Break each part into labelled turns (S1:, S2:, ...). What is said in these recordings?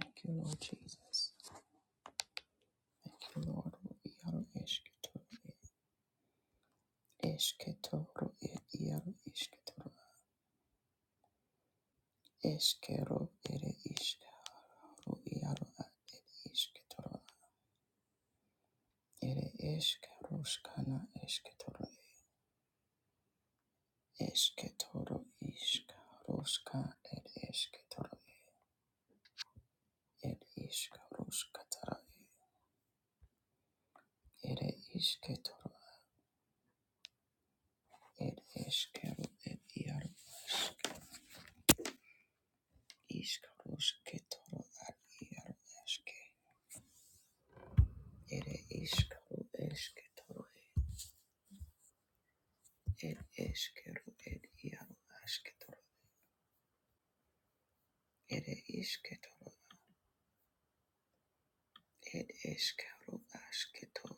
S1: Thank you, Lord Jesus. Thank you, Lord. Iaro esketoro esketoro iaro esketoro eskero ere iskaro iaro esketoro ere eskeroskana esketoro esketoro iskaroska ere esketoro ere iskaroskatara ere isketoro ere eskero ere iaro iskarosketoro ar iaro eske Ere iskaru esketoro ed eskeru ed iaru asketoro ere isketoro ed eskaru asketo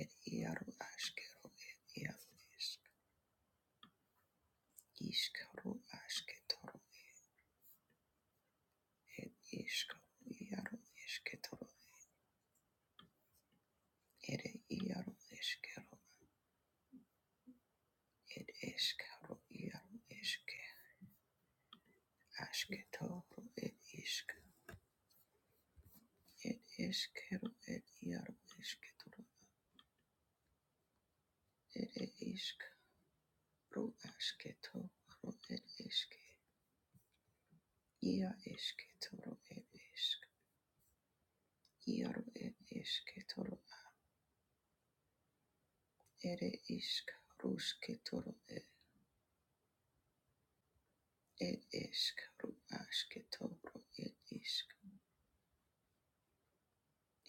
S1: ed iaru askeru ed iaru esk iskaru asketoro ed iskaru iaru esketoro ere iaru eskeru ed eskaru iaru eske asketoro ed isk ed eskeru ed iaru esketoro ere isk ro asketo ro ed eske ia esketo ro ed esk ia ro ed esketo ro ere isk rusketo ro ed ed esk ro asketo ro ed isk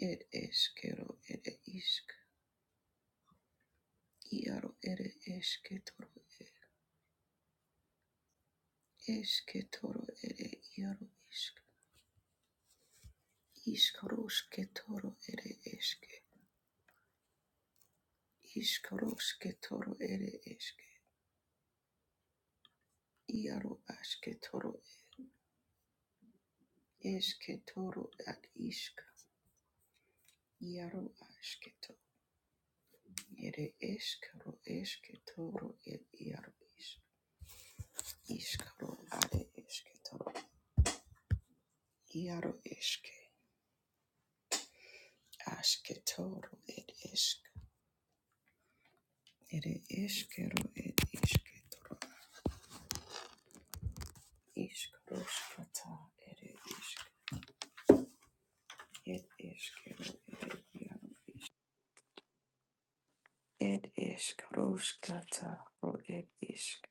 S1: ed eske ere isk ia ro ere esketo ro ed esketo ro ere ia ro isk isk rusketo ere eske Iskoroske toro ere eske. Iaro aske Esketoro ad isk, iaro asketo, ere eskero esketoro ed iaro isk, iskaro ad esketoro, iaro eske, asketoro ed esk, ere eskero ed esketoro, iskaro skata, ere isk, ed eskero ed iaro, ed eskaro skata, ro ed isk,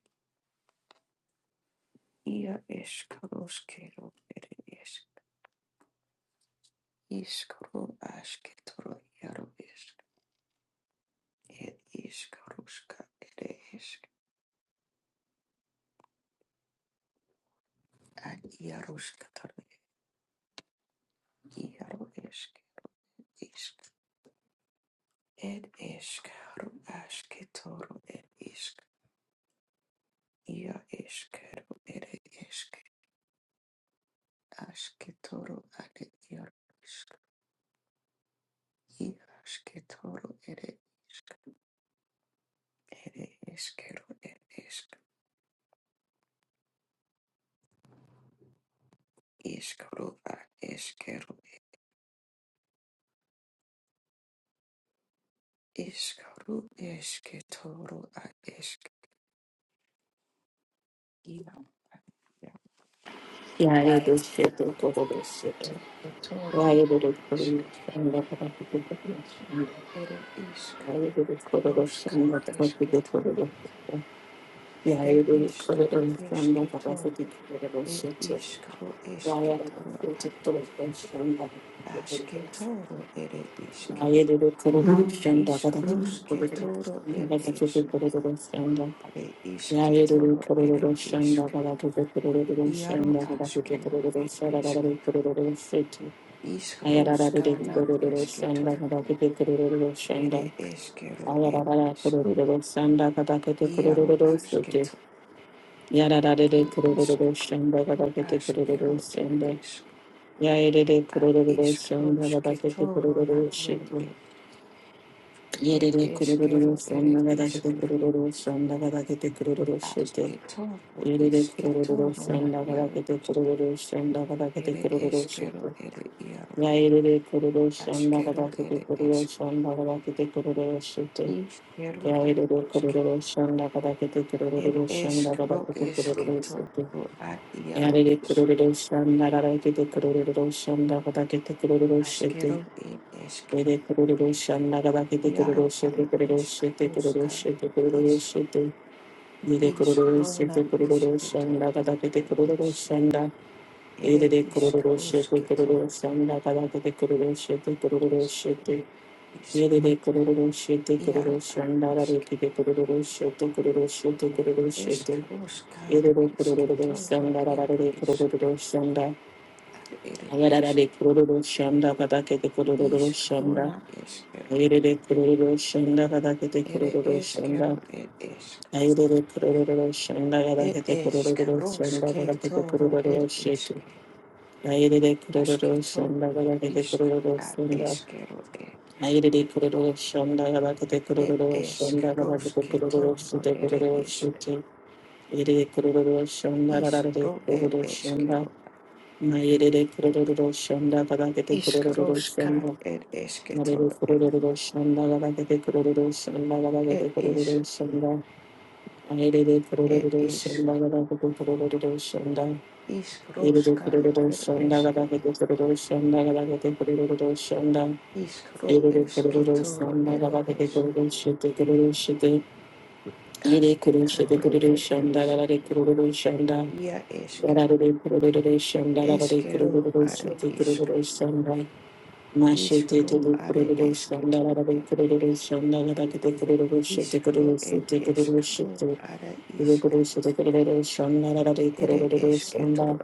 S1: ia eskaro skero ere isk. Iskru asketoro iaro isk er iskaruska ere isk ad iaruska toro iaro isk isk ed iskaru asketoro er isk ia iskaru ere isk asketoro ad iaro isk ia asketoro ere isk ere iskeru er isk iskaru ad iskeru Iskaru esketoro a Iaro
S2: Yare de şeto todo de şeto.
S1: esketoro
S2: Yare do de
S1: isk
S2: koru şanda kadar kutu kutu şanda.
S1: ere isk
S2: Yare de do koru da
S1: roska
S2: şanda kadar kutu
S1: esketoro
S2: koru da şeto.
S1: ere
S2: Yare de do koru
S1: iskro
S2: da şanda kadar
S1: esketoro
S2: kutu koru da
S1: ed
S2: şeto.
S1: iskro
S2: Yare
S1: esketoro
S2: do şeto
S1: a-
S2: todo de şanda kadar kutu koru da şeto.
S1: asketoro ere iske
S2: Yare de de koru da şanda kadar kutu koru da
S1: iskrosketoro ed
S2: şanda kadar kutu
S1: esk
S2: koru da şanda. Yare de de koru da şanda kadar kutu koru da şanda kadar kutu koru da şanda
S1: are isketoro ere isk iaro askero ed
S2: kadar
S1: eske
S2: kutu koru da şeto. Yere de
S1: iskroskana
S2: kururu senda
S1: esketoro
S2: kadar kete kururu senda
S1: ere eskero ed isk
S2: kadar
S1: iaro Ere ishk ro ashkero ed ishk a ishk roshke
S2: kete
S1: toro na yaru ishk ed ishkero ere ishke ashke toro ishke toro na yaru ishk
S2: kururu
S1: ishkero
S2: şete.
S1: ere yaru
S2: Yairere kororo shanda
S1: ashkero
S2: kadakete
S1: ere
S2: kororo
S1: ishk
S2: shanda kadakete kororo shite.
S1: ishkero a
S2: Yairere
S1: ishke
S2: kororo shanda kadakete
S1: ed
S2: kororo
S1: ishk
S2: shanda
S1: ro
S2: kadakete kororo
S1: ishke
S2: shite.
S1: toro a yaru
S2: Yairere
S1: ishk
S2: kororo shanda kadakete kororo shanda kadakete kororo
S1: ashkero
S2: shite.
S1: ed ishk
S2: Yairere kororo shanda kadakete
S1: yaru
S2: kororo
S1: are
S2: shite kororo
S1: ishk
S2: shite kororo
S1: roshka
S2: shite kororo shite. Yairere kororo
S1: Ishkro na
S2: shite kororo
S1: ishke toro
S2: shanda kadakete
S1: ere
S2: kororo
S1: ish.
S2: shanda.
S1: Ere
S2: Yairere kororo shite
S1: ishkroshke
S2: kororo
S1: toro ere
S2: shanda kada kete kororo shite kororo
S1: ishke.
S2: shite.
S1: Ishk
S2: Yerere kururu şete kururu
S1: iaro ad
S2: şandara
S1: ishke.
S2: repide kururu şete kururu şete kururu şete.
S1: Ishkroshka
S2: Yerere
S1: ishke
S2: kururu
S1: toro
S2: şandara
S1: iaro
S2: rarere
S1: ishk
S2: kururu şanda.
S1: ad ere
S2: Ayarara de
S1: ishke.
S2: kururu şanda kadake de kururu
S1: Ishkro
S2: şanda.
S1: na ishkero.
S2: Yerere kururu şanda kadake de
S1: Ere
S2: kururu şanda.
S1: ishkero ere ishk.
S2: Ayarere kururu şanda
S1: Ed
S2: kadake de kururu şanda
S1: ishkroshke
S2: kadake de
S1: toro ere
S2: kururu şete.
S1: ishke.
S2: Ayarere
S1: Ashke
S2: kururu
S1: toro
S2: şanda kadake de
S1: ishk
S2: kururu
S1: ad
S2: şanda.
S1: ishkero ere.
S2: Ayerere kororo shonda gabakete
S1: Ed
S2: kororo shonda gabakete
S1: ishkroshke
S2: kororo
S1: toro
S2: shite
S1: ere
S2: kororo
S1: ishk.
S2: shite. Ayerere kororo shonda rarare
S1: Iskro ed
S2: kororo shonda.
S1: eskero.
S2: Ayerere kororo shonda gabakete kororo
S1: Iskroska
S2: shonda.
S1: ed
S2: Ayerere
S1: esketoro ed
S2: kororo shonda gabakete kororo shonda gabakete
S1: ed is
S2: kororo shonda. Ayerere
S1: ed
S2: kororo
S1: is.
S2: shonda gabakete kororo shonda. Ayerere
S1: Iskroska
S2: kororo
S1: ed
S2: shonda
S1: eske.
S2: gabakete kororo shonda gabakete kororo shonda.
S1: Iskro
S2: Ere ere ere ere
S1: esketoro ed esk.
S2: ere kururu shite
S1: Asketoro
S2: kururu
S1: ed
S2: sandala
S1: es.
S2: la de kururu shanda,
S1: Ia
S2: Ere
S1: eske.
S2: de kururu sandala la de
S1: Eskero
S2: kururu
S1: are
S2: shite
S1: isk.
S2: kururu shanda. Mashite de
S1: Iskro are
S2: kururu sandala
S1: esketoro
S2: la de
S1: ed.
S2: kururu sandala la de kururu shite
S1: Iskro
S2: kururu
S1: ed
S2: shite kururu
S1: eskro
S2: shite.
S1: are
S2: Ere
S1: isk.
S2: kururu shite kururu sandala la de
S1: Ere
S2: kururu shanda,
S1: esketoro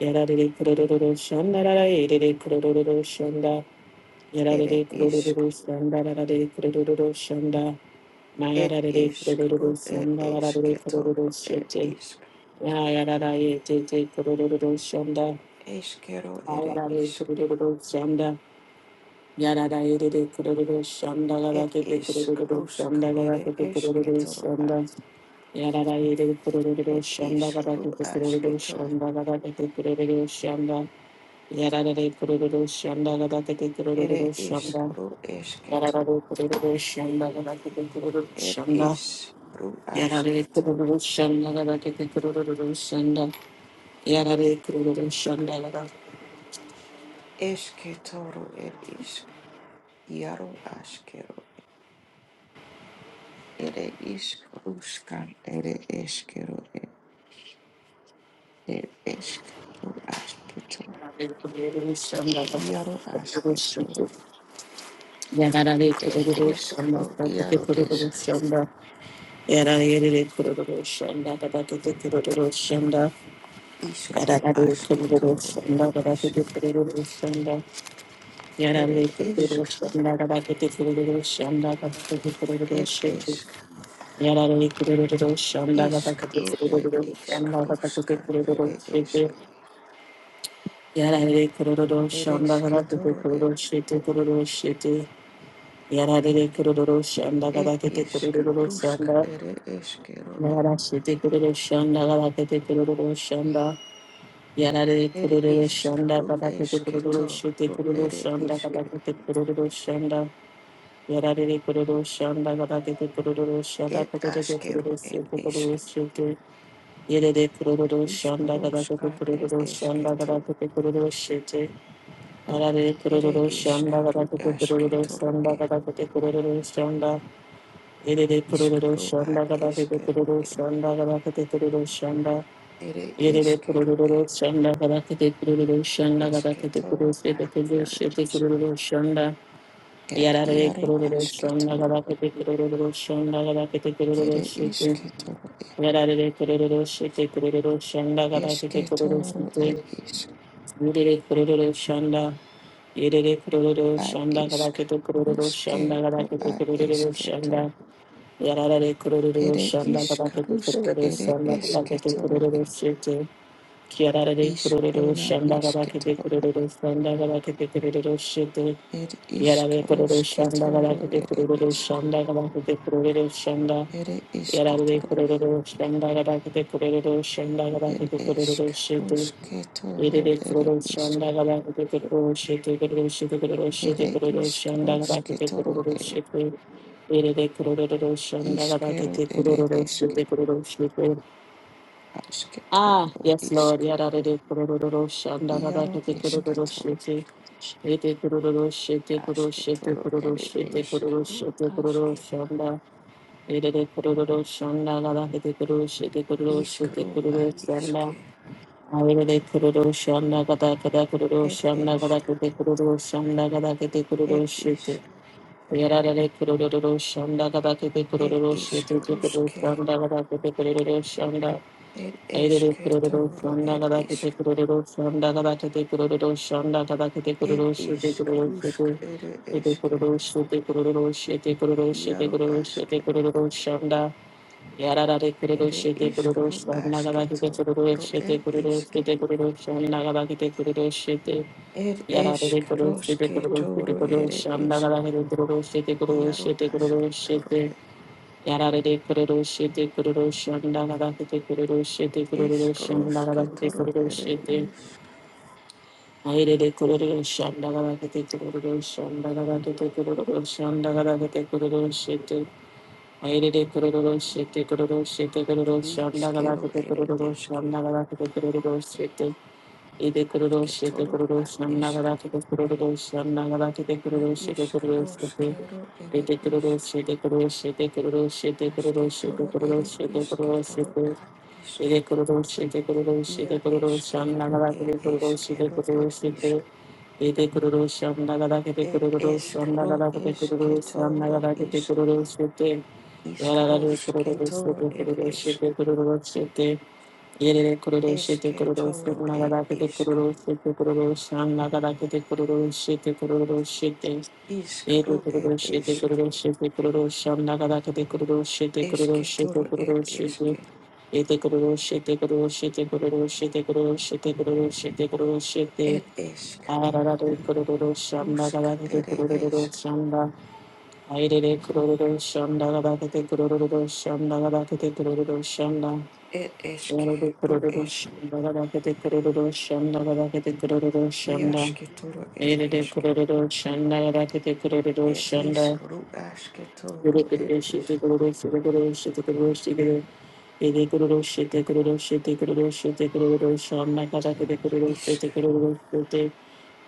S2: Ere de kururu sandala la de kururu Shanda,
S1: ere
S2: Yarare kururu
S1: isk.
S2: shanda rarare kururu shanda.
S1: Ed
S2: Mayarare
S1: ishk,
S2: kururu
S1: rub ed
S2: shanda
S1: ishk,
S2: rarare
S1: ketor
S2: kururu
S1: ed
S2: shete.
S1: ishk,
S2: Yayarare tete kururu shanda.
S1: eshkero ere
S2: Ayarare
S1: ishk,
S2: kururu shanda. Yarare rere kururu shanda
S1: ed
S2: rarare
S1: ishk,
S2: kururu
S1: rushk
S2: shanda rarare
S1: ere ishk,
S2: kururu
S1: ketor a,
S2: shanda. Yarare rere kururu
S1: ed
S2: shanda
S1: ishk,
S2: rarare
S1: ru
S2: kururu
S1: ashketor,
S2: shanda rarare kururu shanda. Yarare kururu shanda rarare kururu
S1: ere ishk,
S2: shanda.
S1: ru
S2: Yarare
S1: eshketor,
S2: kururu shanda kabakete kururu
S1: ed
S2: shanda
S1: ish, ru ashketor,
S2: kabakete kururu
S1: eshketoro ed ishk, yaro ashkero, ere ishk, rushkan ere eshkero ed ed ishk, ru ashketor, yaro ashketor. Ed iskru iaru isk. Iskru aske toru ere isk. Ere isk. Ed
S2: shete.
S1: isk.
S2: Yarare kururu shanda gata
S1: Iskru
S2: kete
S1: ed
S2: kururu shanda gata kete
S1: iskruska ere
S2: kururu shete.
S1: isk.
S2: Yarare kururu
S1: Ere
S2: shanda
S1: iske
S2: gata kete
S1: toru e.
S2: kururu shete kururu shete. Yarare kururu shanda
S1: Ed isk. Rusk ere eskero e.
S2: Yara shete kururu shanda gata kete kururu shanda. Yarare
S1: Ed
S2: kururu
S1: isk.
S2: shanda
S1: Ru
S2: gata kete
S1: eske
S2: kururu shete
S1: toru
S2: kururu
S1: ere
S2: shanda
S1: isk.
S2: gata kete kururu shanda. Yarare kururu shanda gata kete kururu shanda
S1: Ed
S2: kete kururu
S1: askero ed
S2: shete
S1: isk.
S2: kururu shete. Yerere kururu şanda kadar
S1: Iskruska
S2: kutu
S1: ed
S2: kururu
S1: eske
S2: şanda kadar kutu kururu şete. Arare
S1: Ere
S2: kururu
S1: isk.
S2: şanda kadar
S1: Ru
S2: kutu
S1: aske
S2: kururu
S1: toru e.
S2: şanda kadar kutu kururu şanda. Yerere kururu
S1: Ishkaru ad
S2: şanda kadar kutu
S1: eshkeru
S2: kururu
S1: et
S2: şanda kadar kutu kururu şanda.
S1: ere
S2: Yerere
S1: eshkeru
S2: kururu
S1: et
S2: şanda kadar kutu kururu şanda kadar kutu
S1: eshketoru
S2: kururu
S1: ad
S2: şete kururu
S1: yaru
S2: şete
S1: ish
S2: kururu şanda.
S1: et
S2: Yarare
S1: yaru
S2: kururu şanda
S1: ashketoru
S2: kadar kutu kururu şanda kadar kutu
S1: ere
S2: kururu şete.
S1: isketoro et
S2: Yarare kororo shete kororo shanda gadakete kororo
S1: eshketoru et
S2: shete
S1: ish
S2: yurere kororo shanda yerere kororo
S1: ad
S2: shanda
S1: ishk
S2: gadakete kororo
S1: ruske
S2: shanda
S1: ru
S2: gadakete
S1: ad
S2: kororo
S1: eshketo
S2: shanda yarare kororo
S1: ere
S2: shanda
S1: isk
S2: gadakete
S1: rusk
S2: kororo
S1: ere
S2: shanda gadakete
S1: eshketoru
S2: kororo
S1: et
S2: shete yarare kororo
S1: ishkaruna
S2: shanda gadakete
S1: eshketoru
S2: kororo shanda gadakete kororo shete
S1: isk
S2: yarare kororo shanda
S1: rusketoro
S2: gadakete
S1: ere
S2: kororo
S1: isk
S2: shanda gadakete kororo shanda
S1: ere
S2: Yarare
S1: isketoro
S2: kururu shanda gaba kete kururu shanda gaba
S1: It
S2: kete
S1: is
S2: kururu shetu.
S1: Karusketoro,
S2: Yerere
S1: it
S2: kururu
S1: is
S2: shanda gaba kete kururu shetu kururu shetu kururu shetu
S1: it
S2: kururu
S1: is
S2: shanda gaba kete
S1: Karusketoro,
S2: kururu
S1: it
S2: shetu. Yerere kururu shanda
S1: is
S2: gaba
S1: Kero,
S2: kete
S1: it
S2: kururu
S1: is
S2: shetu kururu shetu. Ah,
S1: Asketoro,
S2: yes, Lord.
S1: isk
S2: Yarare kururu shanda gaba
S1: Iaro
S2: kete kururu
S1: Esketoro,
S2: shetu. Yete kururu shetu kururu shetu
S1: Asketoro,
S2: kururu
S1: it
S2: shetu
S1: is
S2: kururu
S1: Karu
S2: shetu kururu
S1: Aske,
S2: shanda. Irede kururu shonda gada kete kururu shete kururu shete
S1: Iskaro,
S2: kururu shonda.
S1: Adiske,
S2: Irede kururu shonda gada kete kururu
S1: it
S2: shonda
S1: is
S2: gada kete kururu shonda gada kete kururu
S1: it is
S2: shete. Yarare kururu shonda gada kete
S1: it
S2: kururu
S1: is
S2: shete kururu
S1: Karuske,
S2: shonda gada kete kururu shonda.
S1: it is
S2: Irede kururu
S1: Ketoro,
S2: shonda
S1: it
S2: gada
S1: is
S2: kete kururu shonda gada kete kururu shonda gada kete
S1: it
S2: kururu shete
S1: is
S2: kururu
S1: Karusk,
S2: shete.
S1: it
S2: Ete
S1: is
S2: kururu shete kururu shete kururu shete
S1: Iaro
S2: kururu shete
S1: Askero,
S2: kururu shonda. Yararare kururu
S1: Ere
S2: shete kururu
S1: iskru
S2: shon
S1: basketo,
S2: nagabakite kururu
S1: ro
S2: shete
S1: ed
S2: kururu
S1: iske.
S2: shete kururu shon nagabakite kururu shete
S1: Ed
S2: yararare
S1: esk
S2: kururu shete
S1: roske
S2: kururu shete
S1: toro
S2: kururu
S1: ere
S2: shon
S1: esk.
S2: nagabakite kururu shete kururu
S1: Iaro
S2: shete kururu
S1: aske toro
S2: shete
S1: ed.
S2: yararare kururu shete kururu shon nagabakite kururu shete kururu
S1: Isk
S2: shon
S1: roske
S2: nagabakite
S1: toro
S2: kururu
S1: ere
S2: shete
S1: isk.
S2: airere kururu shon nagabakite kururu shon nagabakite kururu shon nagabakite kururu shete Aire kororo shete kororo shete kororo shanda gala
S1: Iskero
S2: kote
S1: ere
S2: kororo
S1: eske.
S2: shanda gala kote kororo shete Ede
S1: Aske
S2: kuruluşu, ede
S1: toro a
S2: kuruluşu,
S1: esk.
S2: nagarak ede kuruluşu, nagarak ede
S1: Ad
S2: kuruluşu, ede
S1: isk
S2: kuruluşu, ede
S1: roskero ere
S2: ede
S1: isk.
S2: kuruluşu, ede kuruluşu, ede kuruluşu, ede
S1: Aske
S2: kuruluşu, ede
S1: toro ere
S2: kuruluşu, ede
S1: iske
S2: kuruluşu,
S1: toro
S2: ede
S1: ad isk.
S2: ede kuruluşu, ede kuruluşu,
S1: Ia
S2: ede kuruluşu,
S1: eskero
S2: nagarak ede
S1: ed
S2: kuruluşu, ede
S1: eskero ed
S2: kuruluşu,
S1: isk.
S2: ede ede kuruluşu, nagarak ede
S1: It is
S2: kuruluşu,
S1: karo
S2: nagarak ede
S1: is
S2: kuruluşu,
S1: ketoro
S2: nagarak ede
S1: is
S2: kuruluşu, ede yararlı
S1: iskros
S2: kuruluşu,
S1: ketoro
S2: ede
S1: it
S2: kuruluşu,
S1: isk
S2: ede kuruluşu, ede Yere kururu şete kururu
S1: esketoro
S2: şuna
S1: it
S2: kadar kete
S1: isk
S2: kururu şete kururu şanla kadar kete kururu şete kururu şete Yere
S1: iskro it
S2: kururu şete
S1: isk
S2: kururu şete kururu şanla kadar kete kururu şete kururu şete
S1: esketoro it
S2: kururu şete
S1: isk
S2: Yete kururu şete kururu şete kururu şete kururu şete kururu şete kururu şete
S1: it isk
S2: Arara de kururu şanla
S1: ruska
S2: kadar kete
S1: it
S2: kururu
S1: isk
S2: şanla Ayrere kururu şanla kadar kete kururu şanla kadar kete kururu şanla
S1: it isk
S2: Yarada
S1: ro
S2: kururu
S1: isk
S2: shanda gada kete kururu shanda gada kete kururu shanda.
S1: iasketoro it
S2: Yarada
S1: isk
S2: kururu shanda gada kete kururu
S1: it
S2: shanda.
S1: isk ru
S2: Yarada
S1: asketoro it
S2: kururu
S1: isk
S2: shete kururu shete kururu shete kururu shete. Yarada kururu shete kururu shete kururu shete kururu shanda gada kete kururu
S1: isk
S2: shete kururu shete.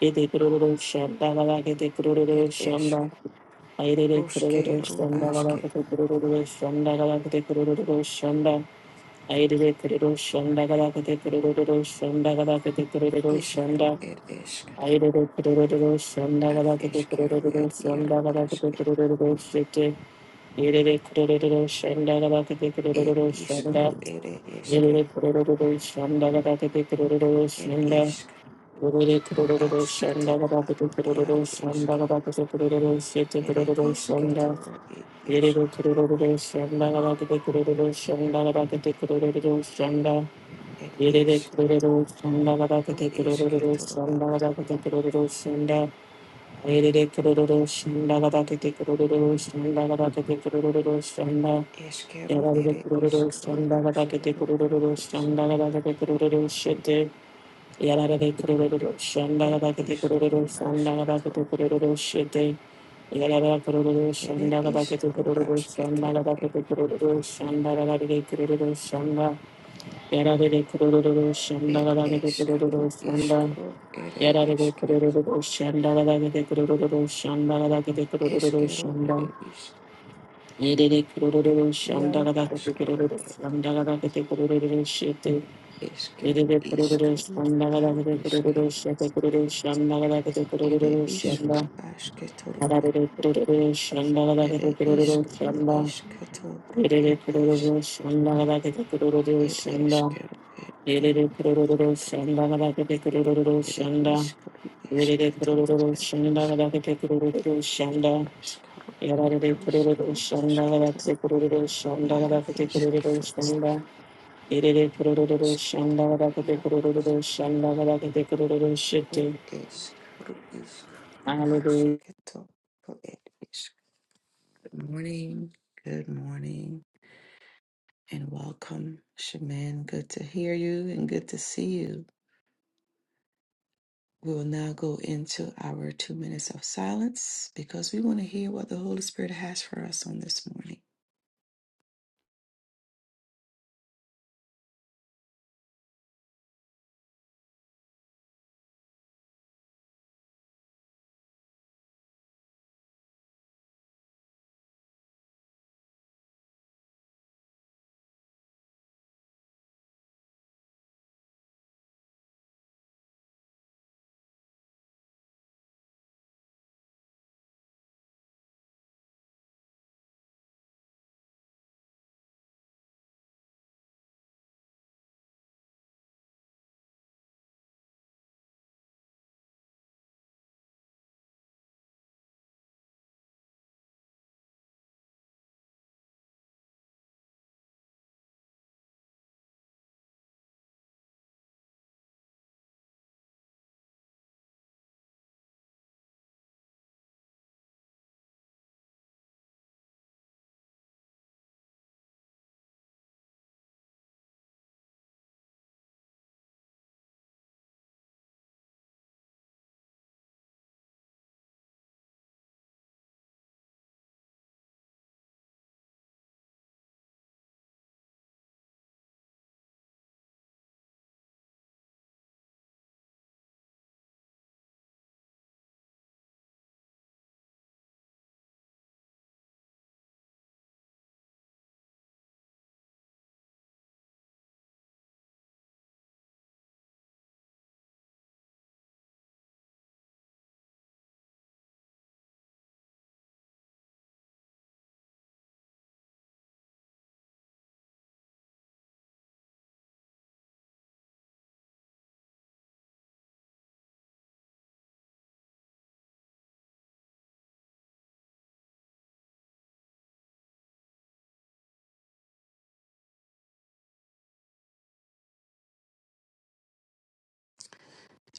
S2: Yarada kururu shanda gada kete kururu
S1: it isk
S2: shanda. Yarada kururu
S1: ruske ru
S2: shanda gada
S1: aske
S2: kete kururu shanda gada kete kururu shanda. Aire kururu shanda gada shanda gada kete
S1: iskro
S2: shanda.
S1: it isk
S2: Aire kururu shanda
S1: Ad
S2: gada kete
S1: eskero
S2: kururu
S1: ed iaro
S2: shanda gada kete
S1: aske.
S2: kururu shete. Aire kururu shanda gada kete
S1: Ed
S2: kururu shanda.
S1: iskro ere eske.
S2: Aire kururu shanda gada kete kururu
S1: Ed
S2: shanda.
S1: iskro
S2: Kururu kururu
S1: aske
S2: shanda
S1: toro
S2: gada
S1: a
S2: kete kururu
S1: iaro
S2: shanda
S1: eske.
S2: gada kete shete
S1: Ere
S2: kururu
S1: iske
S2: shanda.
S1: toro ed
S2: Aire
S1: esk.
S2: kururu shanda gada kete shanda gada kete shanda.
S1: Ed
S2: Yere de
S1: iskro
S2: kururu shanda gada kete
S1: eske
S2: kururu
S1: toro a.
S2: shanda gada kete kururu şunda. Yere de kururu shanda gada kete kururu shanda gada kete kururu şunda.
S1: Eskero
S2: Yere de
S1: ere
S2: kururu
S1: iskro
S2: shanda gada kete
S1: askero ed
S2: kururu
S1: eske.
S2: shanda gada kete kururu şete. Yere de kururu shanda
S1: Ed
S2: gada kete kururu
S1: iskro
S2: shanda
S1: aske
S2: gada kete
S1: toro ed.
S2: kururu şete. Yere de kururu
S1: Ere
S2: shanda gada kete
S1: iskro
S2: kururu
S1: aske
S2: shanda
S1: toro
S2: gada
S1: ed.
S2: kete kururu şunda gada kete kururu şunda. Yarare kururu shanda
S1: Ed
S2: galage de kururu
S1: eskro
S2: shanda.
S1: iskro ere
S2: Yarare
S1: eske.
S2: kururu shanda galage de kururu shanda galage de kururu
S1: Eskero
S2: shanda.
S1: ere isk.
S2: Yere kururu shanda
S1: Iaro
S2: galage de
S1: askero
S2: kururu
S1: et
S2: shanda galage de kururu shete.
S1: eskero
S2: Yere kururu
S1: iskaru
S2: shanda
S1: ad
S2: galage de
S1: iske
S2: kururu shete kururu shanda galage de
S1: ere
S2: kururu shanda.
S1: iskru asketoro
S2: Yarare kururu shanda galage
S1: ere
S2: de kururu
S1: iskru
S2: shanda.
S1: isketoro
S2: Yere
S1: et
S2: kururu
S1: esk
S2: shanda galage de kururu
S1: et
S2: shanda.
S1: eskero et
S2: Yerere
S1: iaro
S2: kurururu
S1: asketoro
S2: shanda kadar tepe kurururu
S1: ere
S2: şanda.
S1: iskru
S2: Yerere
S1: isketoro
S2: kurururu
S1: et
S2: shanda
S1: esk
S2: kadar tepe kurururu şanda.
S1: iskaru ere
S2: Yerere kurururu
S1: iskru
S2: şanda kadar
S1: asketoro
S2: tepe kurururu şanda
S1: iaro
S2: kadar tepe kurururu
S1: esketoro
S2: şanda. Yerere kurururu
S1: esk
S2: şanda kadar tepe
S1: iaro isk
S2: kurururu şanda kadar tepe kurururu şete.
S1: et eskru iskru
S2: Hallelujah.
S1: asketoro et Good morning. Good morning and welcome, Shaman. Good to hear you and good to see you. We will now go into our two minutes of silence because we want to hear what the Holy Spirit has for us on this morning.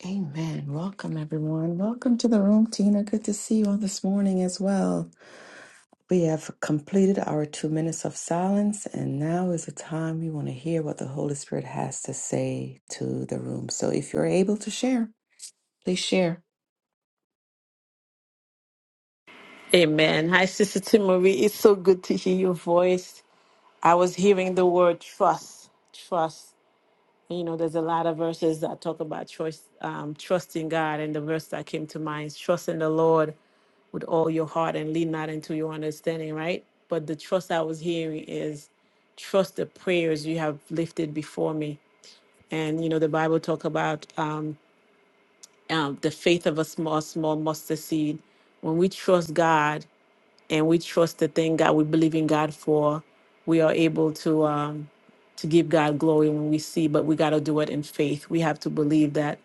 S1: Amen. Welcome, everyone. Welcome to the room, Tina. Good to see you on this morning as well. We have completed our two minutes of silence, and now is the time we want to hear what the Holy Spirit has to say to the room. So if you're able to share, please share.
S2: Amen. Hi, Sister Timory. It's so good to hear your voice. I was hearing the word trust. Trust. You know, there's a lot of verses that talk about trust, um, trusting God, and the verse that came to mind is trust in the Lord with all your heart and lean not into your understanding, right? But the trust I was hearing is trust the prayers you have lifted before me. And you know, the Bible talk about um, um, the faith of a small, small mustard seed. When we trust God, and we trust the thing God we believe in God for, we are able to um, to give God glory when we see. But we got to do it in faith. We have to believe that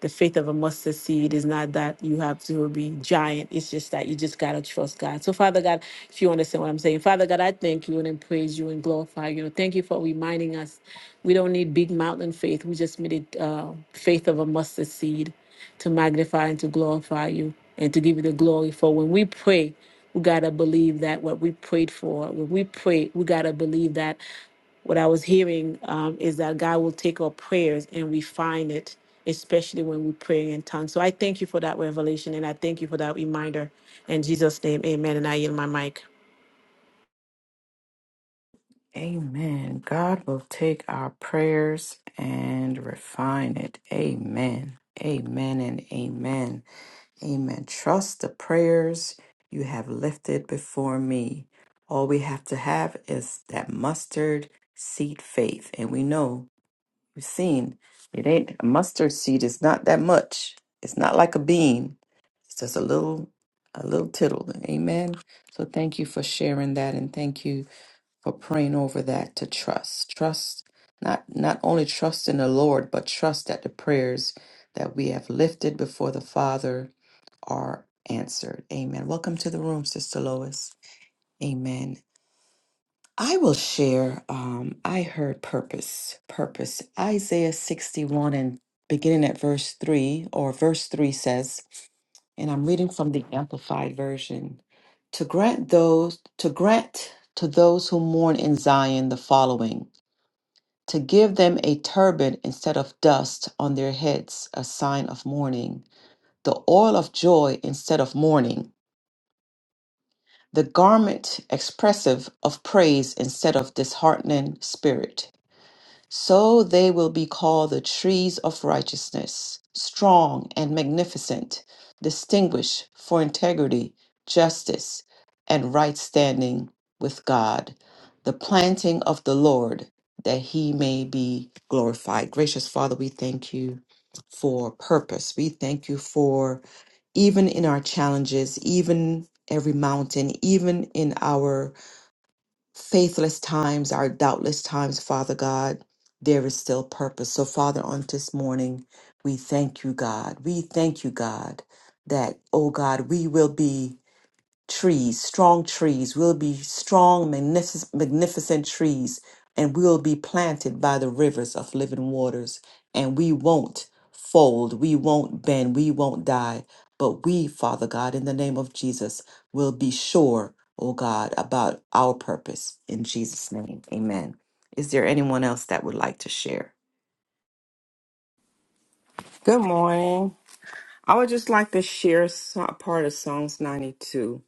S2: the faith of a mustard seed is not that you have to be giant. It's just that you just got to trust God. So, Father God, if you understand what I'm saying, Father God, I thank you and I praise you and glorify you. Thank you for reminding us we don't need big mountain faith. We just need it, uh, faith of a mustard seed to magnify and to glorify you and to give you the glory. For when we pray, we got to believe that what we prayed for, when we pray, we got to believe that what I was hearing um, is that God will take our prayers and refine it, especially when we pray in tongues. So I thank you for that revelation and I thank you for that reminder. In Jesus' name, amen. And I yield my mic.
S1: Amen. God will take our prayers and refine it. Amen. Amen and amen. Amen. Trust the prayers you have lifted before me. All we have to have is that mustard seed faith. And we know, we've seen, it ain't a mustard seed is not that much. It's not like a bean. It's just a little a little tittle. Amen. So thank you for sharing that and thank you for praying over that to trust. Trust not not only trust in the Lord, but trust that the prayers that we have lifted before the Father are answered. Amen. Welcome to the room, Sister Lois. Amen. I will share. Um, I heard purpose, purpose. Isaiah 61 and beginning at verse 3, or verse 3 says, and I'm reading from the Amplified Version to grant those to grant to those who mourn in Zion the following to give them a turban instead of dust on their heads, a sign of mourning, the oil of joy instead of mourning, the garment expressive of praise instead of disheartening spirit. So they will be called the trees of righteousness, strong and magnificent, distinguished for integrity, justice, and right standing with God, the planting of the Lord, that he may be glorified. Gracious Father, we thank you for purpose. We thank you for even in our challenges, even every mountain, even in our faithless times, our doubtless times, Father God, there is still purpose. So, Father, on this morning, we thank you, God. We thank you, God, that, oh God, we will be trees, strong trees. We'll be strong, magnific- magnificent trees, and we'll be planted by the rivers of living waters. And we won't fold, we won't bend, we won't die. But we, Father God, in the name of Jesus, will be sure, oh God, about our purpose. In Jesus' name, amen. Is there anyone else that would like to share?
S3: Good morning. I would just like to share so- part of Psalms 92.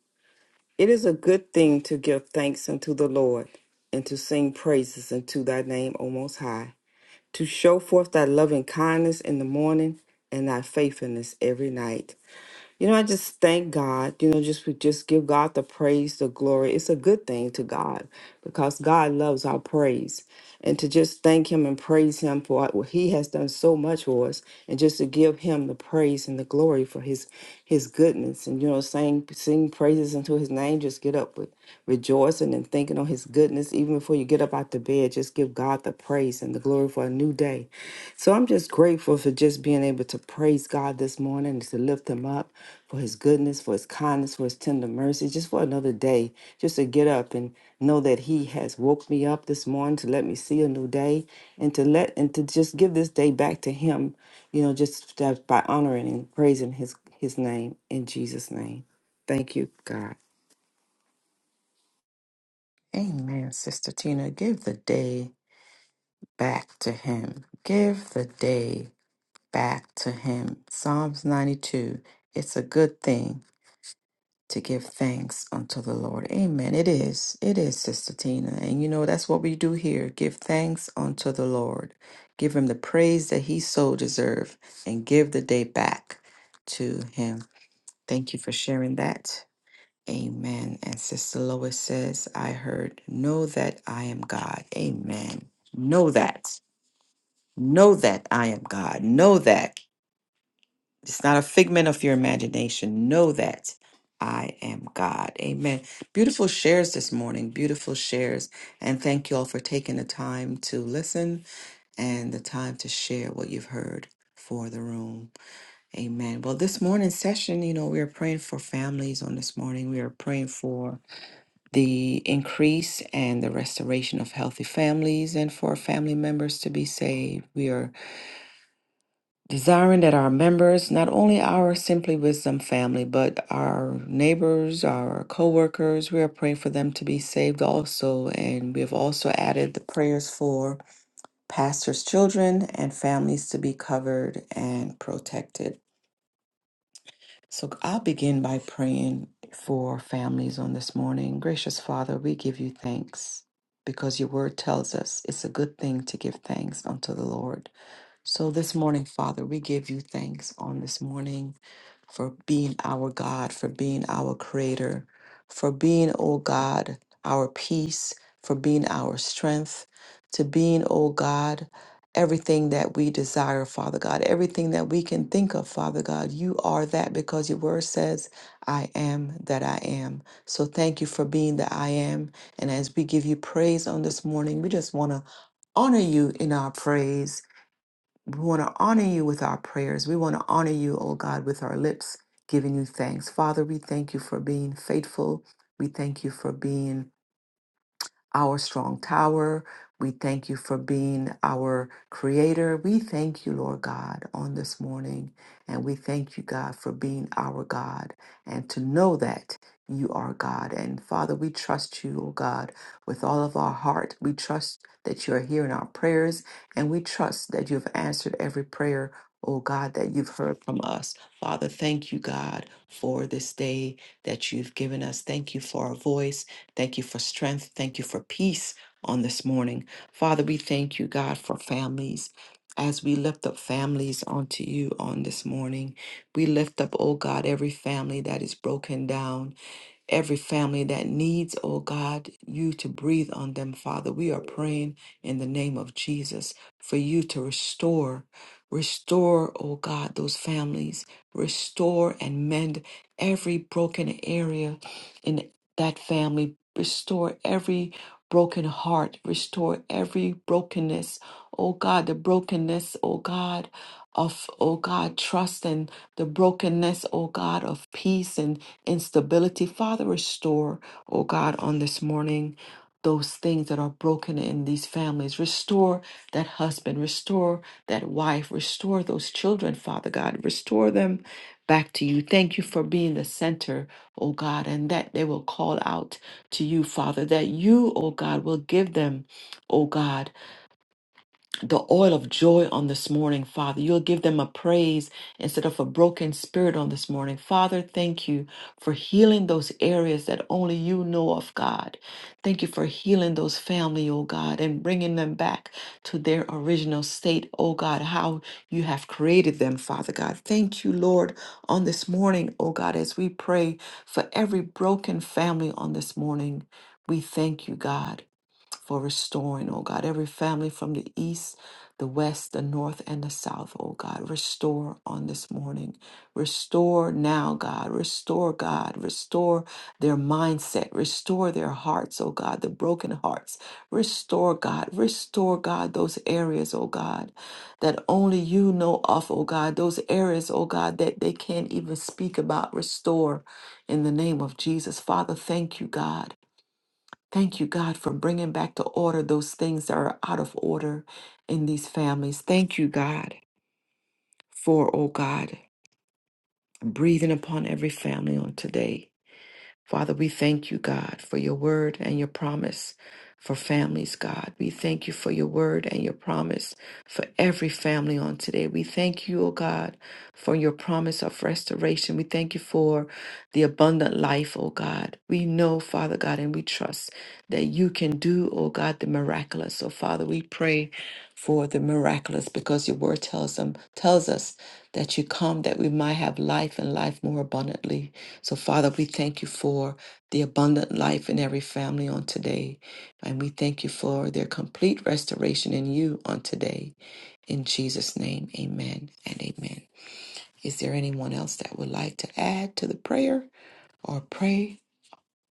S3: It is a good thing to give thanks unto the Lord and to sing praises unto thy name, O Most High, to show forth thy loving kindness in the morning and thy faithfulness every night. You know, I just thank God. You know, just we just give God the praise, the glory. It's a good thing to God because God loves our praise. And to just thank Him and praise Him for what He has done so much for us, and just to give Him the praise and the glory for His His goodness. And you know, saying sing praises unto His name. Just get up with rejoicing and thinking on His goodness, even before you get up out the bed. Just give God the praise and the glory for a new day. So I'm just grateful for just being able to praise God this morning and to lift Him up for his goodness, for his kindness, for his tender mercy, just for another day, just to get up and know that he has woke me up this morning to let me see a new day and to let and to just give this day back to him, you know, just that by honoring and praising his his name in Jesus' name. Thank you, God.
S1: Amen, Sister Tina. Give the day back to him. Give the day back to him. Psalms 92. It's a good thing. to give thanks unto the Lord. Amen. It is. It is, Sister Tina. And you know, that's what we do here. Give thanks unto the Lord. Give him the praise that he so deserve and give the day back to him. Thank you for sharing that. Amen. And Sister Lois says, I heard, know that I am God. Amen. Know that. Know that I am God. Know that. It's not a figment of your imagination. Know that I am God. Amen. Beautiful shares this morning. Beautiful shares. And thank you all for taking the time to listen and the time to share what you've heard for the room. Amen. Well, this morning's session, you know, we are praying for families on this morning. We are praying for the increase and the restoration of healthy families and for family members to be saved. We are desiring that our members, not only our Simply Wisdom family, but our neighbors, our coworkers, we are praying for them to be saved also. And we have also added the prayers for pastors' children and families to be covered and protected. So I'll begin by praying for families on this morning. Gracious Father, we give you thanks because your word tells us it's a good thing to give thanks unto the Lord so this morning, Father, we give you thanks on this morning for being our God, for being our creator, for being, oh God, our peace, for being our strength, to being, oh God, everything that we desire, Father God, everything that we can think of, Father God. You are that because your word says, I am that I am. So thank you for being the I am. And as we give you praise on this morning, we just want to honor you in our praise we want to honor you with our prayers. We want to honor you, oh God, with our lips, giving you thanks. Father, we thank you for being faithful. We thank you for being our strong tower. We thank you for being our creator. We thank you, Lord God, on this morning. And we thank you, God, for being our God and to know that you are God. And Father, we trust you, oh God, with all of our heart. We trust that you are hearing our prayers and we trust that you have answered every prayer, oh God, that you've heard from us. Father, thank you, God, for this day that you've given us. Thank you for our voice. Thank you for strength. Thank you for peace on this morning. Father, we thank you, God, for families. As we lift up families onto you on this morning, we lift up, oh God, every family that is broken down every family that needs, oh God, you to breathe on them, Father. We are praying in the name of Jesus for you to restore, restore, oh God, those families, restore and mend every broken area in that family, restore every broken heart, restore every brokenness, oh God, the brokenness, oh God. Of, oh God, trust and the brokenness, oh God, of peace and instability. Father, restore, oh God, on this morning. Those things that are broken in these families. Restore that husband, restore that wife, restore those children, Father God. Restore them back to you. Thank you for being the center, oh God, and that they will call out to you, Father, that you, oh God, will give them, oh God the oil of joy on this morning, Father. You'll give them a praise instead of a broken spirit on this morning. Father, thank you for healing those areas that only you know of, God. Thank you for healing those family, oh God, and bringing them back to their original state, oh God, how you have created them, Father God. Thank you, Lord, on this morning, oh God, as we pray for every broken family on this morning. We thank you, God for restoring, oh God, every family from the east, the west, the north, and the south, oh God. Restore on this morning. Restore now, God. Restore, God. Restore their mindset. Restore their hearts, oh God, the broken hearts. Restore, God. Restore, God, those areas, oh God, that only you know of, oh God. Those areas, oh God, that they can't even speak about. Restore in the name of Jesus. Father, thank you, God. Thank you, God, for bringing back to order those things that are out of order in these families. Thank you, God, for, oh God, breathing upon every family on today. Father, we thank you, God, for your word and your promise for families, God. We thank you for your word and your promise for every family on today. We thank you, oh God, for your promise of restoration. We thank you for the abundant life, oh God. We know, Father God, and we trust that you can do, oh God, the miraculous. So, Father, we pray for the miraculous because your word tells them tells us that you come that we might have life and life more abundantly. So, Father, we thank you for the abundant life in every family on today. And we thank you for their complete restoration in you on today. In Jesus' name, amen and amen. Is there anyone else that would like to add to the prayer or pray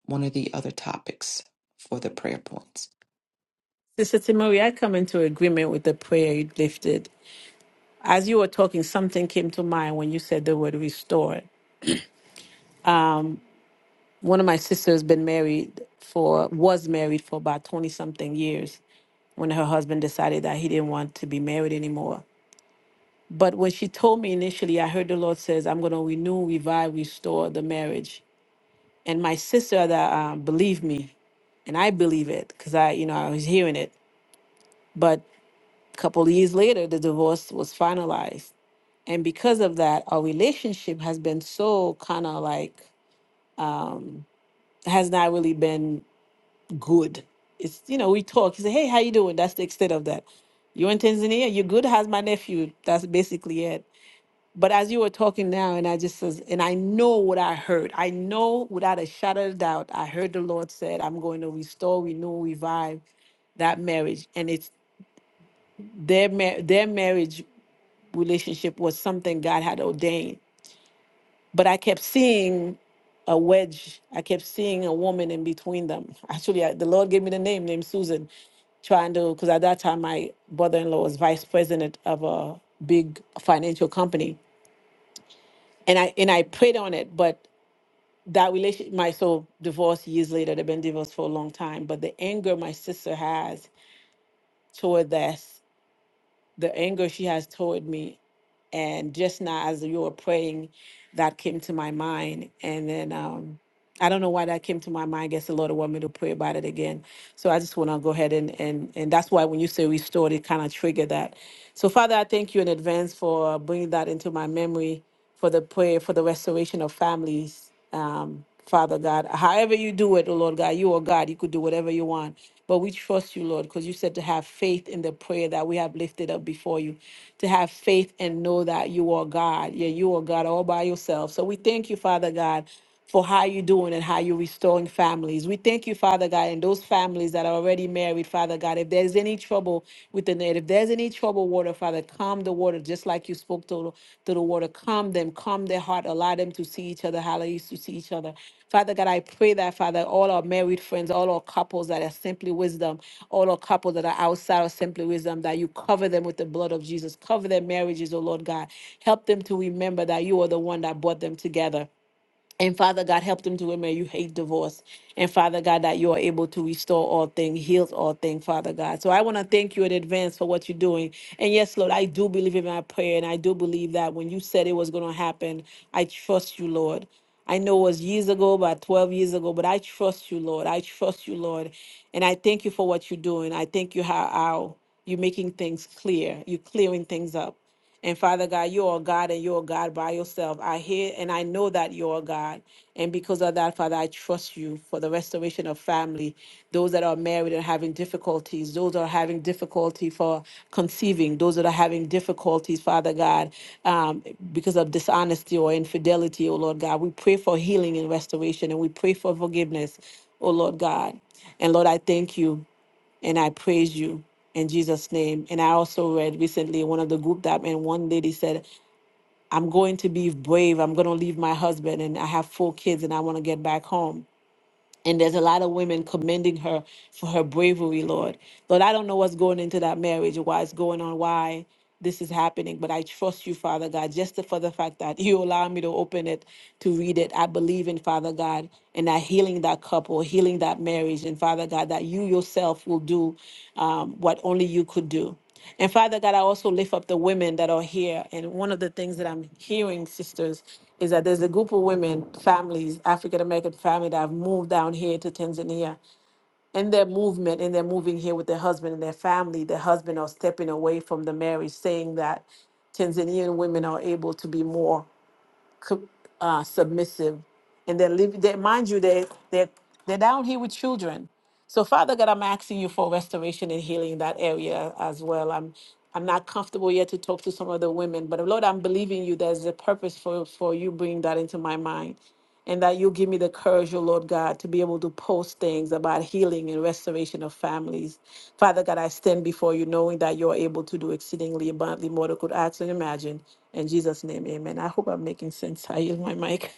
S1: one of the other topics for the prayer points?
S2: Sister Timori, I come into agreement with the prayer you lifted. As you were talking, something came to mind when you said the word restore. One of my sisters been married for was married for about 20 something years when her husband decided that he didn't want to be married anymore But when she told me initially, I heard the Lord says, I'm going to renew, revive, restore the marriage. And my sister that um, believed me, and I believe it because I, you know, I was hearing it. But a couple of years later, the divorce was finalized. And because of that, our relationship has been so kind of like, um, has not really been good. It's, you know, we talk, He said, hey, how you doing? That's the extent of that. you in Tanzania, you good, how's my nephew? That's basically it But as you were talking now, and I just says, and I know what I heard. I know without a shadow of doubt, I heard the Lord said, I'm going to restore, renew, revive that marriage. And it's their mar- their marriage relationship was something God had ordained. But I kept seeing a wedge. I kept seeing a woman in between them. Actually, I, the Lord gave me the name, named Susan, trying to because at that time my brother-in-law was vice president of a big financial company, and I and I prayed on it, but that relation, my so divorce years later they've been divorced for a long time but the anger my sister has toward this the anger she has toward me and just now as you were praying that came to my mind and then um i don't know why that came to my mind i guess the lord want me to pray about it again so i just want to go ahead and and and that's why when you say restored it kind of triggered that so father i thank you in advance for bringing that into my memory for the prayer for the restoration of families, um, Father God. However you do it, oh Lord God, you are God. You could do whatever you want. But we trust you, Lord, because you said to have faith in the prayer that we have lifted up before you, to have faith and know that you are God. Yeah, you are God all by yourself. So we thank you, Father God for how you're doing and how you're restoring families. We thank you, Father God, and those families that are already married, Father God. If there's any trouble with the net, if there's any trouble, water, Father, calm the water, just like you spoke to, to the water. Calm them, calm their heart, allow them to see each other, how they used to see each other. Father God, I pray that, Father, all our married friends, all our couples that are simply wisdom, all our couples that are outside of simply wisdom, that you cover them with the blood of Jesus. Cover their marriages, oh Lord God. Help them to remember that you are the one that brought them together. And Father God, help them to admit you hate divorce. And Father God, that you are able to restore all things, heal all things, Father God. So I want to thank you in advance for what you're doing. And yes, Lord, I do believe in my prayer. And I do believe that when you said it was going to happen, I trust you, Lord. I know it was years ago, about 12 years ago, but I trust you, Lord. I trust you, Lord. And I thank you for what you're doing. I thank you how, how you're making things clear. You're clearing things up. And Father God, you are God and you are God by yourself. I hear and I know that you are God. And because of that, Father, I trust you for the restoration of family, those that are married and having difficulties, those that are having difficulty for conceiving, those that are having difficulties, Father God, um, because of dishonesty or infidelity, oh Lord God. We pray for healing and restoration and we pray for forgiveness, oh Lord God. And Lord, I thank you and I praise you in Jesus' name. And I also read recently one of the group that I'm in, one lady said, I'm going to be brave. I'm going to leave my husband and I have four kids and I want to get back home. And there's a lot of women commending her for her bravery, Lord. Lord, I don't know what's going into that marriage or why it's going on, why this is happening, but I trust you, Father God, just for the fact that you allow me to open it, to read it. I believe in Father God and that healing that couple, healing that marriage, and Father God, that you yourself will do um, what only you could do. And Father God, I also lift up the women that are here. And one of the things that I'm hearing, sisters, is that there's a group of women, families, African American family that have moved down here to Tanzania. And their movement, and they're moving here with their husband and their family. Their husband are stepping away from the marriage, saying that Tanzanian women are able to be more co- uh, submissive, and they're living. They, mind you, they they they're down here with children. So, Father God, I'm asking you for restoration and healing in that area as well. I'm I'm not comfortable yet to talk to some of the women, but Lord, I'm believing you. There's a purpose for for you bringing that into my mind and that you give me the courage, oh Lord God, to be able to post things about healing and restoration of families. Father God, I stand before you knowing that you're able to do exceedingly abundantly more than I could ask and imagine. In Jesus' name, amen. I hope I'm making sense. I use my mic.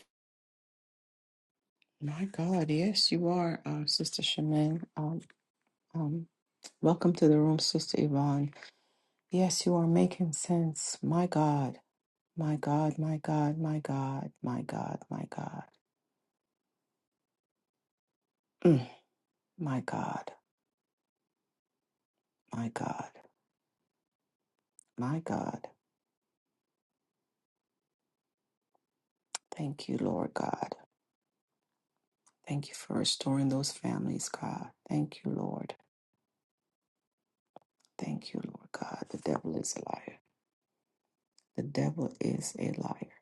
S1: My God, yes, you are, um, Sister Shaman. Um, um, welcome to the room, Sister Yvonne. Yes, you are making sense. My God. My God, my God, my God, my God, my God. Mm, my God, my God, my God. Thank you, Lord God. Thank you for restoring those families, God. Thank you, Lord. Thank you, Lord God. The devil is a liar. The devil is a liar.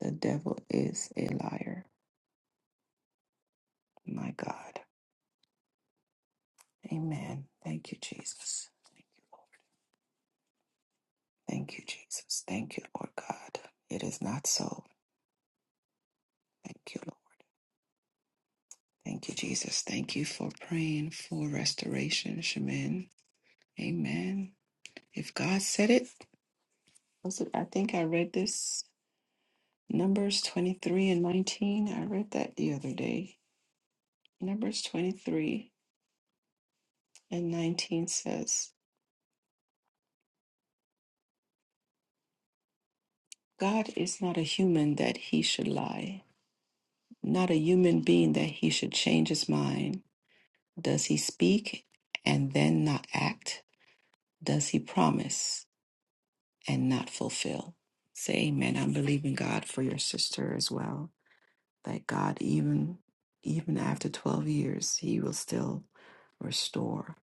S1: The devil is a liar. My God. Amen. Thank you, Jesus. Thank you, Lord. Thank you, Jesus. Thank you, Lord God. It is not so. Thank you, Lord. Thank you, Jesus. Thank you for praying for restoration, Shaman. Amen. If God said it, was it? I think I read this Numbers 23 and 19. I read that the other day. Numbers 23 and 19 says, God is not a human that he should lie, not a human being that he should change his mind. Does he speak and then not act? Does he promise? and not fulfill. Say amen. I'm believing God for your sister as well. That God, even even after 12 years, He will still restore.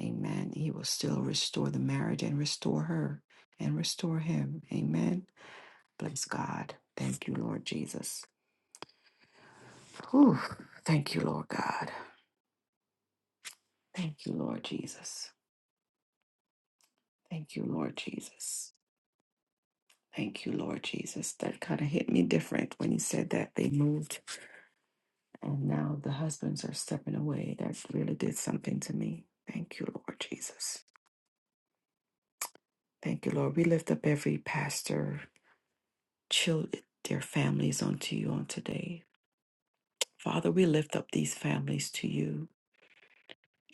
S1: Amen. He will still restore the marriage and restore her and restore him. Amen. Bless God. Thank you, Lord Jesus. Whew. Thank you, Lord God. Thank you, Lord Jesus. Thank you, Lord Jesus. Thank you, Lord Jesus. That kind of hit me different when he said that they moved And now the husbands are stepping away. That really did something to me. Thank you, Lord Jesus. Thank you, Lord. We lift up every pastor, children, their families unto you on today. Father, we lift up these families to you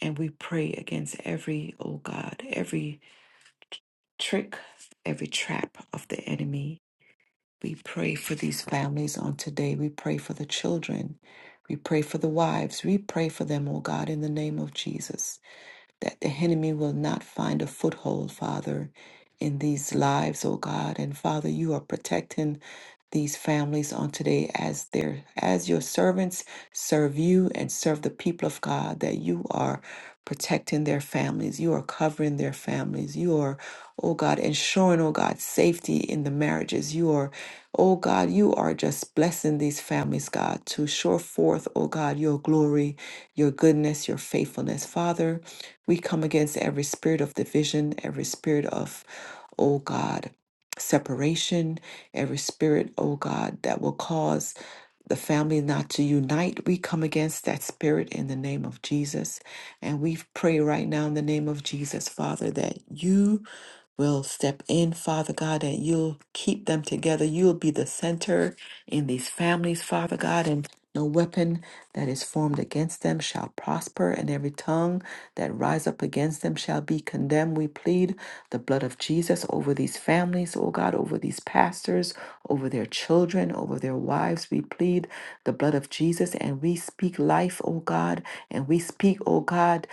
S1: and we pray against every, oh God, every trick, every trap of the enemy. We pray for these families on today. We pray for the children. We pray for the wives. We pray for them, oh God, in the name of Jesus. that the enemy will not find a foothold, Father in these lives, oh God. And Father, you are protecting these families on today as their as your servants serve you and serve the people of God that you are protecting their families you are covering their families you are oh God ensuring oh God safety in the marriages you are oh God you are just blessing these families God to show forth oh God your glory your goodness your faithfulness father we come against every spirit of division every spirit of oh God, separation, every spirit, oh God, that will cause the family not to unite. We come against that spirit in the name of Jesus. And we pray right now in the name of Jesus, Father, that you will step in, Father God, and you'll keep them together. You'll be the center in these families, Father God. and. No weapon that is formed against them shall prosper, and every tongue that rise up against them shall be condemned. We plead the blood of Jesus over these families, oh God, over these pastors, over their children, over their wives. We plead the blood of Jesus and we speak life, oh God, and we speak, oh God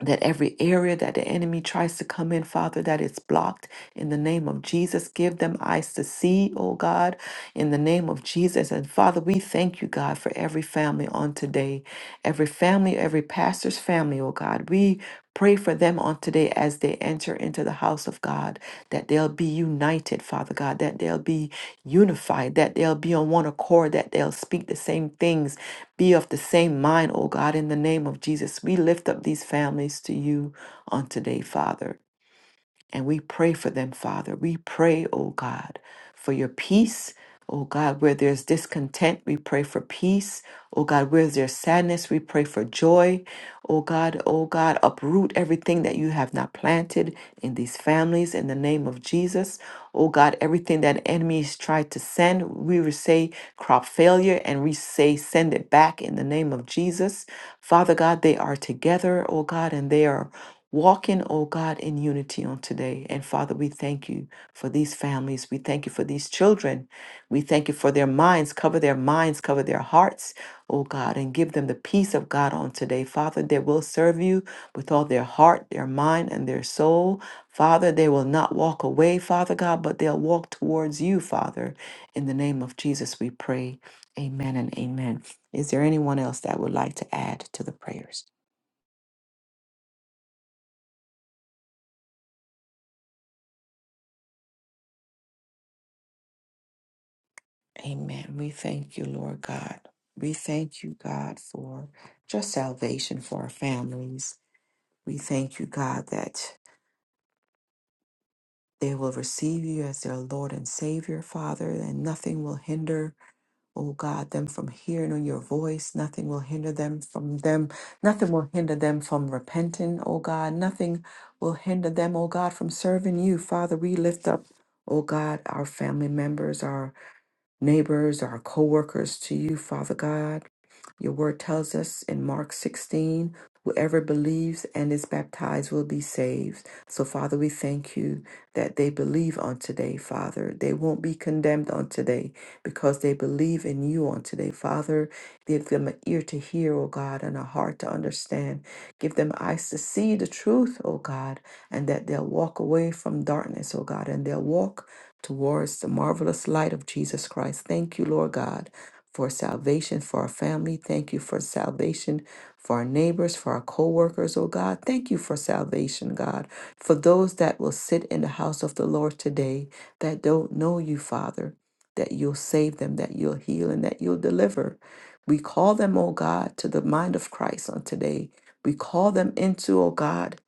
S1: that every area that the enemy tries to come in, Father, that it's blocked in the name of Jesus. Give them eyes to see, oh God, in the name of Jesus. And Father, we thank you, God, for every family on today, every family, every pastor's family, oh God. We pray for them on today as they enter into the house of God, that they'll be united, Father God, that they'll be unified, that they'll be on one accord, that they'll speak the same things be of the same mind, O God, in the name of Jesus. We lift up these families to you on today, Father, and we pray for them, Father. We pray, O God, for your peace Oh God, where there's discontent, we pray for peace. Oh God, where there's sadness, we pray for joy. Oh God, oh God, uproot everything that you have not planted in these families in the name of Jesus. Oh God, everything that enemies tried to send, we will say crop failure and we say send it back in the name of Jesus. Father God, they are together, oh God, and they are walking, oh God, in unity on today. And Father, we thank you for these families. We thank you for these children. We thank you for their minds. Cover their minds, cover their hearts, oh God, and give them the peace of God on today. Father, they will serve you with all their heart, their mind, and their soul. Father, they will not walk away, Father God, but they'll walk towards you, Father. In the name of Jesus, we pray. Amen and amen. Is there anyone else that would like to add to the prayers? Amen. We thank you, Lord God. We thank you, God, for just salvation for our families. We thank you, God, that. They will receive you as their Lord and Savior, Father, and nothing will hinder, oh God, them from hearing your voice. Nothing will hinder them from them. Nothing will hinder them from repenting, oh God. Nothing will hinder them, oh God, from serving you. Father, we lift up, oh God, our family members, our neighbors, our coworkers to you, Father God. Your word tells us in Mark 16, whoever believes and is baptized will be saved. So, Father, we thank you that they believe on today, Father. They won't be condemned on today because they believe in you on today, Father. Give them an ear to hear, O God, and a heart to understand. Give them eyes to see the truth, O God, and that they'll walk away from darkness, O God, and they'll walk towards the marvelous light of Jesus Christ. Thank you, Lord God, for salvation for our family. Thank you for salvation for our neighbors, for our co-workers, oh God. Thank you for salvation, God, for those that will sit in the house of the Lord today that don't know you, Father, that you'll save them, that you'll heal, and that you'll deliver. We call them, O God, to the mind of Christ on today. We call them into, O God,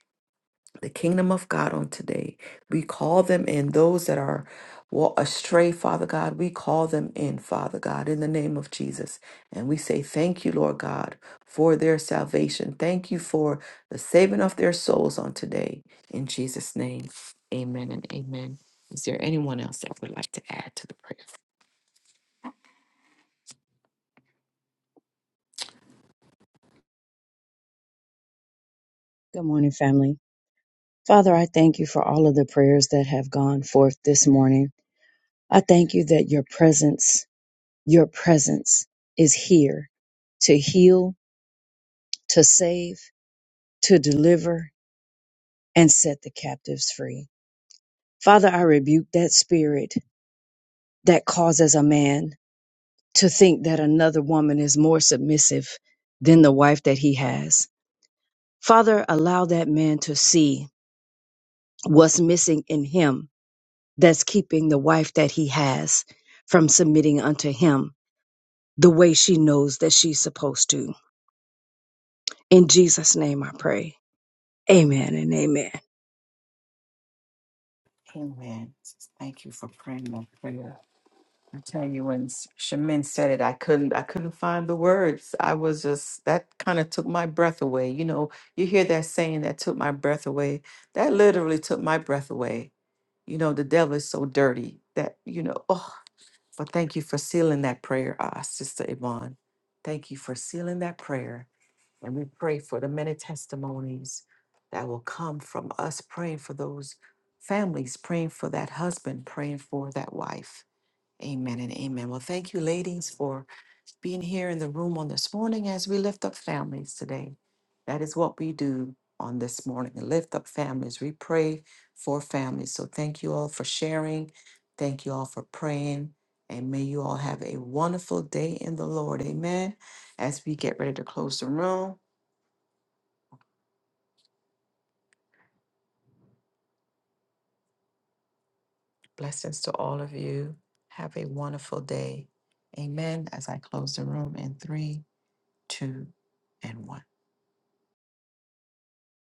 S1: the kingdom of God on today. We call them in those that are wa- astray, Father God. We call them in, Father God, in the name of Jesus. And we say, Thank you, Lord God, for their salvation. Thank you for the saving of their souls on today. In Jesus' name, amen and amen. Is there anyone else that would like to add to the prayer?
S4: Good morning, family. Father, I thank you for all of the prayers that have gone forth this morning. I thank you that your presence, your presence is here to heal, to save, to deliver, and set the captives free. Father, I rebuke that spirit that causes a man to think that another woman is more submissive than the wife that he has. Father, allow that man to see what's missing in him that's keeping the wife that he has from submitting unto him the way she knows that she's supposed to. In Jesus' name I pray. Amen and amen.
S1: Amen. Thank you for praying that prayer. I tell you, when S- Shamin said it, I couldn't, I couldn't find the words. I was just that kind of took my breath away. You know, you hear that saying that took my breath away. That literally took my breath away. You know, the devil is so dirty that you know. Oh, but thank you for sealing that prayer, uh, Sister Yvonne. Thank you for sealing that prayer, and we pray for the many testimonies that will come from us praying for those families, praying for that husband, praying for that wife Amen and amen. Well, thank you, ladies, for being here in the room on this morning as we lift up families today. That is what we do on this morning lift up families. We pray for families. So thank you all for sharing. Thank you all for praying. And may you all have a wonderful day in the Lord. Amen. As we get ready to close the room, blessings to all of you. Have a wonderful day. Amen. As I close the room in three, two, and one.